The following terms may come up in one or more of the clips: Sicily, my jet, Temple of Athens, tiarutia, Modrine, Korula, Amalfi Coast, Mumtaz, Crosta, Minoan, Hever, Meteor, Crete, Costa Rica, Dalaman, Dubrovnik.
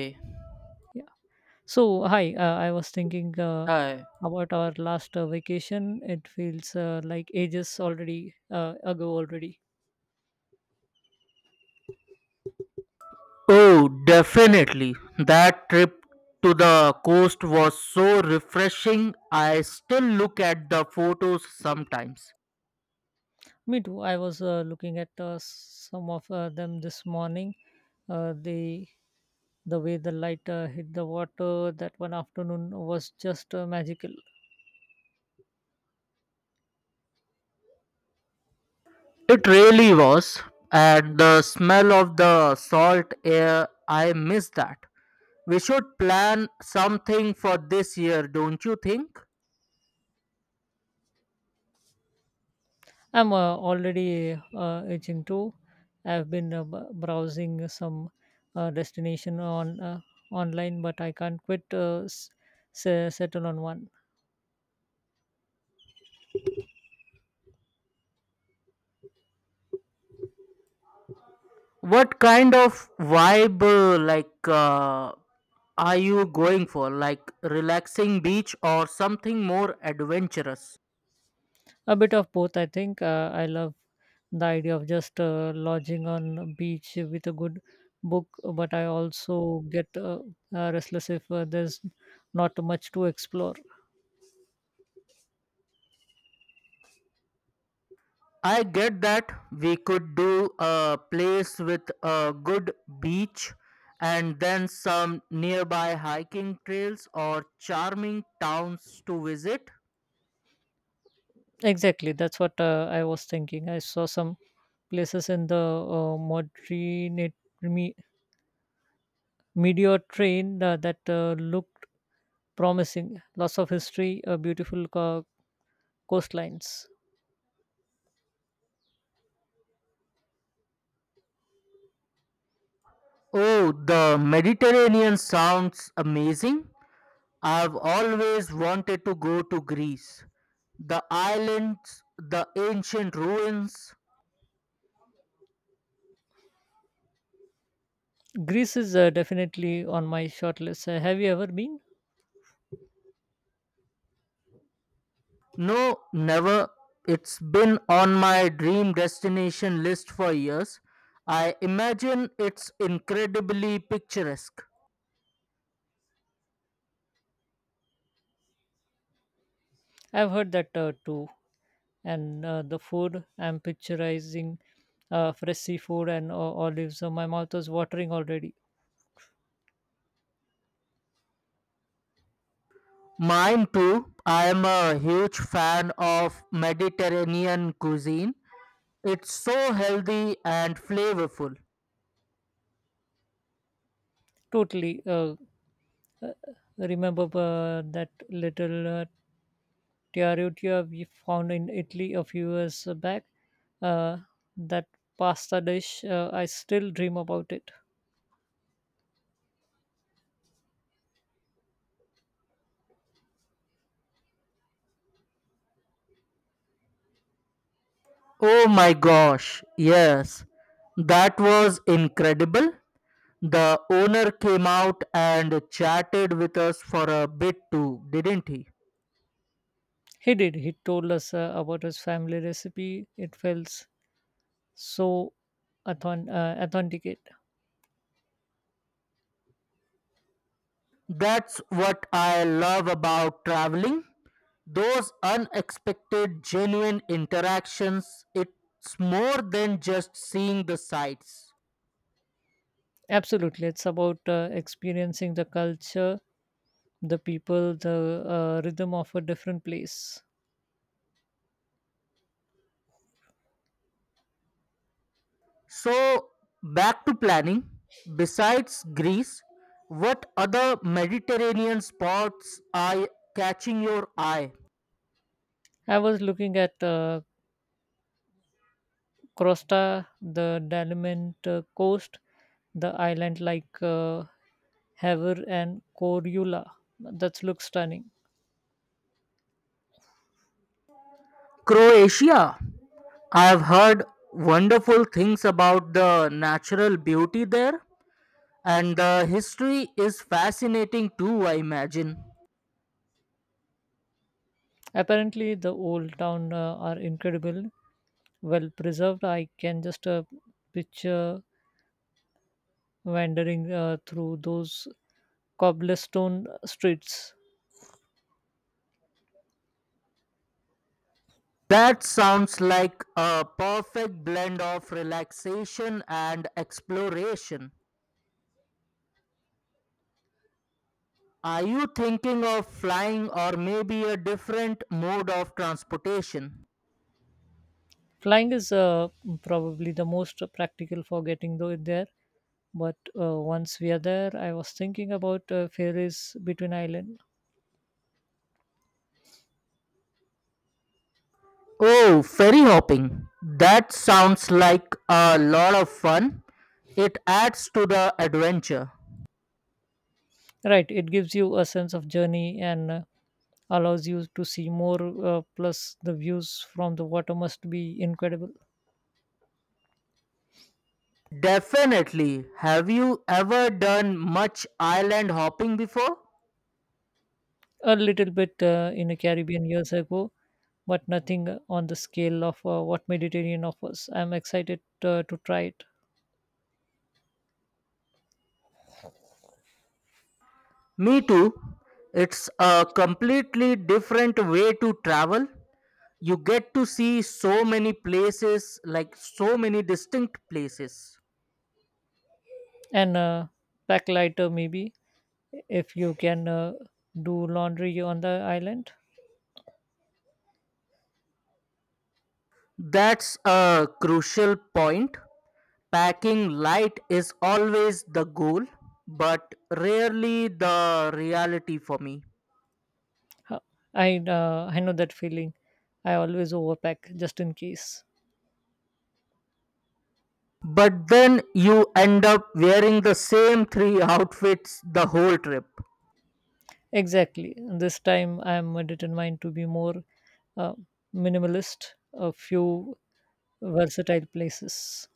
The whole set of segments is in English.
Hey, Yeah. So, hi, I was thinking hi. about our last vacation. It feels like ages already ago already. Oh, definitely. That trip to the coast was so refreshing. I still look at the photos sometimes. Me too. I was looking at some of them this morning. Uh, the the way the light hit the water that one afternoon was just magical. It really was. And the smell of the salt air, I miss that. We should plan something for this year, don't you think? I'm already itching too. I've been browsing some destination on online, but I can't quit settle on one. What kind of vibe, uh, are you going for? Like relaxing beach or something more adventurous? A bit of both, I think. I love the idea of just lodging on a beach with a good book, but I also get restless if there's not much to explore. I get that we could do a place with a good beach and then some nearby hiking trails or charming towns to visit. Exactly, that's what I was thinking. I saw some places in the Modrine, me, Meteor train that looked promising. Lots of history, beautiful coastlines. Oh, the Mediterranean sounds amazing. I've always wanted to go to Greece. The islands, the ancient ruins. Greece is definitely on my short list. Have you ever been? No, never. It's been on my dream destination list for years. I imagine it's incredibly picturesque. I've heard that too. And the food, I'm picturizing fresh seafood and olives. So my mouth is watering already. Mine too. I am a huge fan of Mediterranean cuisine. It's so healthy and flavorful. Totally. Uh, Remember that little tiarutia we found in Italy a few years back. Uh, that pasta dish, I still dream about it. Oh my gosh, yes. That was incredible. The owner came out and chatted with us for a bit too, didn't he? He did. He told us about his family recipe. It felt so authentic. That's what I love about traveling. Those unexpected, genuine interactions. It's more than just seeing the sights. Absolutely. It's about experiencing the culture, the people, the rhythm of a different place. So, back to planning. Besides Greece, what other Mediterranean spots are catching your eye? I was looking at Crosta, the Dalaman coast, the island like Hever and Korula. That looks stunning. Croatia. I have heard wonderful things about the natural beauty there, and the history is fascinating too, I imagine. Apparently, the old town are incredible, well preserved. I can just picture wandering through those cobblestone streets. That sounds like a perfect blend of relaxation and exploration. Are you thinking of flying or maybe a different mode of transportation? Flying is probably the most practical for getting there. But once we are there, I was thinking about ferries between island. Oh, ferry hopping. That sounds like a lot of fun. It adds to the adventure. Right, it gives you a sense of journey and allows you to see more. Plus, the views from the water must be incredible. Definitely. Have you ever done much island hopping before? A little bit in the Caribbean years ago, but nothing on the scale of what Mediterranean offers. I'm excited to try it Me too. It's a completely different way to travel. You get to see so many places, like so many distinct places. and pack lighter maybe if you can do laundry on the island. That's a crucial point. Packing light is always the goal, but rarely the reality for me. Huh, I know that feeling. I always overpack just in case. But then you end up wearing the same three outfits the whole trip. Exactly. This time I am determined to be more uh, minimalist. A few versatile places.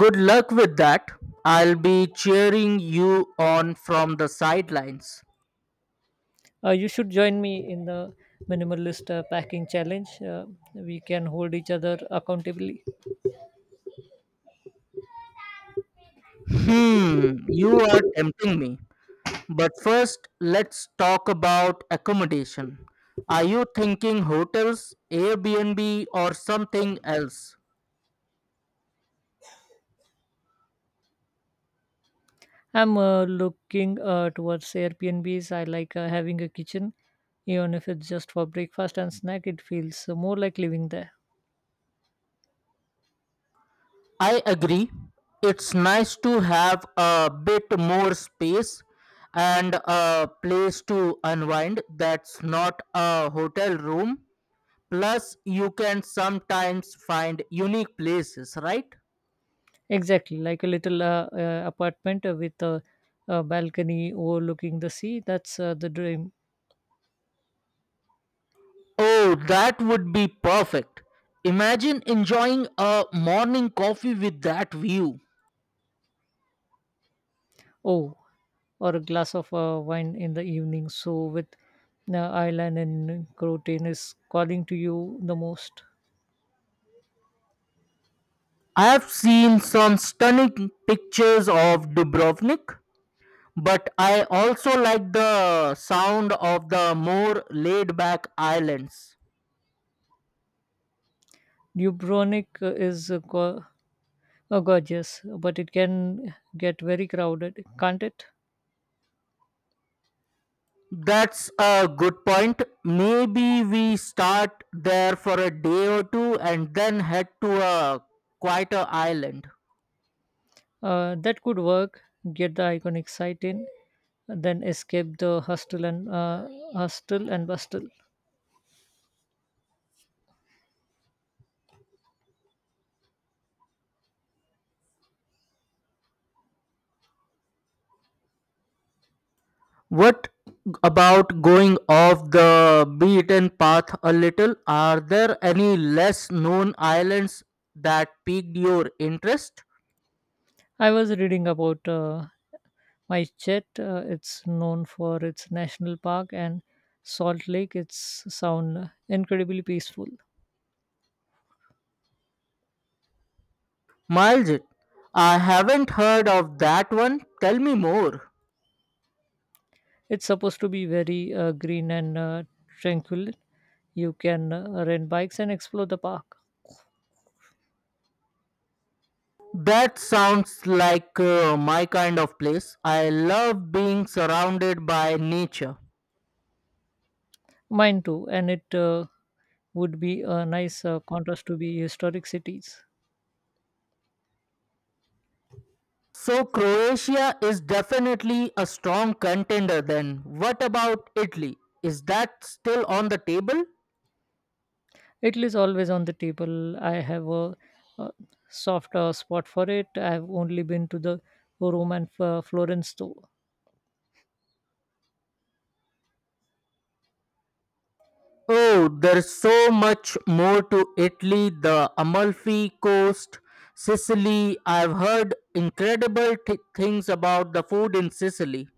Good luck with that. I'll be cheering you on from the sidelines. You should join me in the minimalist packing challenge. We can hold each other accountable. Hmm, you are tempting me. But first, let's talk about accommodation. Are you thinking hotels, Airbnb, or something else? I'm looking towards Airbnbs. I like having a kitchen, even if it's just for breakfast and snack. It feels more like living there. I agree. It's nice to have a bit more space and a place to unwind that's not a hotel room. Plus, you can sometimes find unique places, right? Exactly, like a little apartment with a balcony overlooking the sea. That's the dream. Oh, that would be perfect. Imagine enjoying a morning coffee with that view. Oh, or a glass of wine in the evening. So with Ireland and Croatian is calling to you the most. I have seen some stunning pictures of Dubrovnik, but I also like the sound of the more laid back islands. Dubrovnik is gorgeous, but it can get very crowded, can't it? That's a good point. Maybe we start there for a day or two and then head to a quieter island. That could work. Get the iconic sight in, then escape the hustle and bustle. What about going off the beaten path a little? Are there any less known islands that piqued your interest? I was reading about my jet. It's known for its national park and Salt Lake. It's sound incredibly peaceful. Miles, I haven't heard of that one. Tell me more. It's supposed to be very green and tranquil. You can rent bikes and explore the park. That sounds like my kind of place. I love being surrounded by nature. Mine too, and it would be a nice contrast to be historic cities. So, Croatia is definitely a strong contender then. What about Italy? Is that still on the table? Italy is always on the table. I have a soft spot for it. I've only been to the Rome and Florence though. Oh, there's so much more to Italy, the Amalfi Coast, Sicily. I've heard incredible things about the food in Sicily.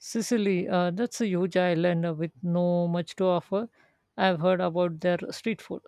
Sicily, that's a huge island with no much to offer. I've heard about their street food.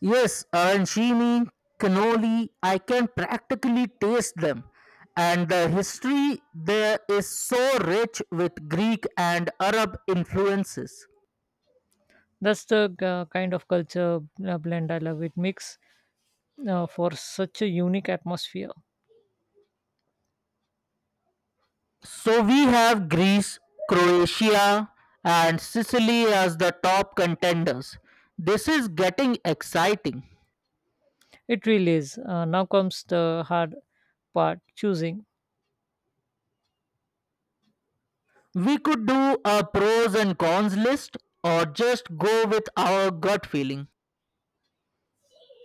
Yes, arancini, cannoli, I can practically taste them. And the history there is so rich with Greek and Arab influences. That's the kind of culture blend I love. It makes for such a unique atmosphere. So we have Greece, Croatia, and Sicily as the top contenders. This is getting exciting. It really is. Now comes the hard part choosing. We could do a pros and cons list or just go with our gut feeling.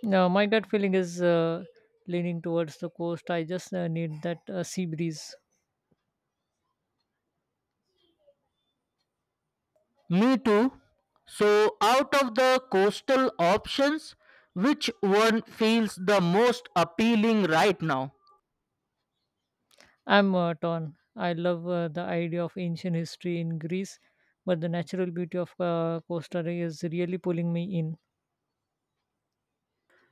Now, my gut feeling is leaning towards the coast. I just need that sea breeze. Me too. So, out of the coastal options, which one feels the most appealing right now? I'm torn. I love the idea of ancient history in Greece, but the natural beauty of Costa Rica is really pulling me in.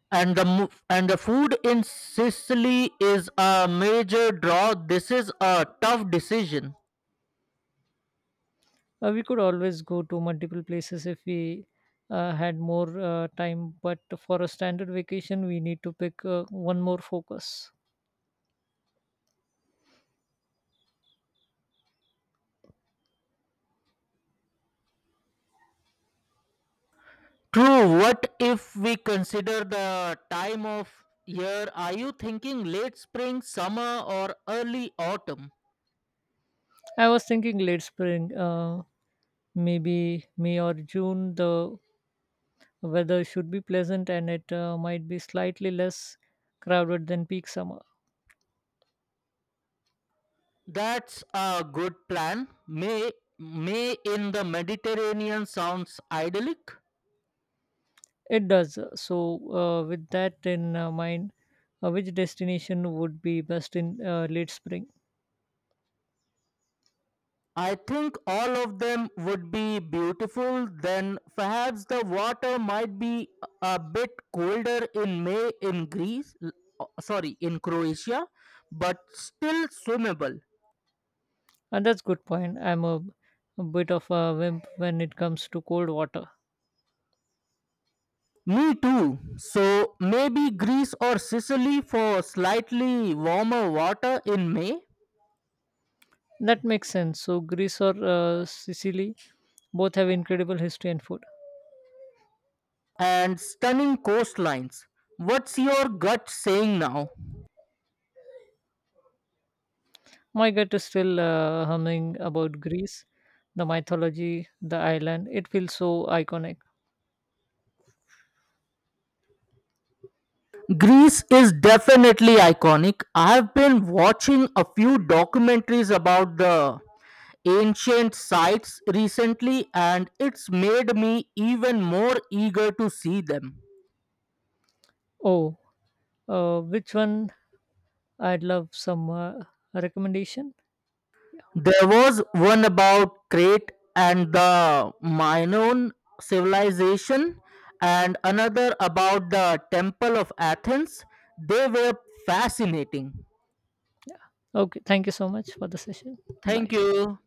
And the food in Sicily is a major draw. This is a tough decision. We could always go to multiple places if we had more time, but for a standard vacation, we need to pick one more focus. True. What if we consider the time of year? Are you thinking late spring, summer, or early autumn? I was thinking late spring, maybe May or June. The weather should be pleasant and it might be slightly less crowded than peak summer. That's a good plan. May in the Mediterranean sounds idyllic. It does. So, with that in mind, which destination would be best in late spring? I think all of them would be beautiful. Then perhaps the water might be a bit colder in May in Greece, sorry, in Croatia, but still swimmable. And that's good point. I'm a bit of a wimp when it comes to cold water. Me too. So maybe Greece or Sicily for slightly warmer water in May, That makes sense. So, Greece or Sicily both have incredible history and food. and stunning coastlines. What's your gut saying now? My gut is still humming about Greece, the mythology, the island. It feels so iconic. Greece is definitely iconic. I've been watching a few documentaries about the ancient sites recently, and it's made me even more eager to see them. Oh, which one? I'd love some recommendation. There was one about Crete and the Minoan civilization, and another about the Temple of Athens. They were fascinating. Okay, thank you so much for the session. Bye. Thank you.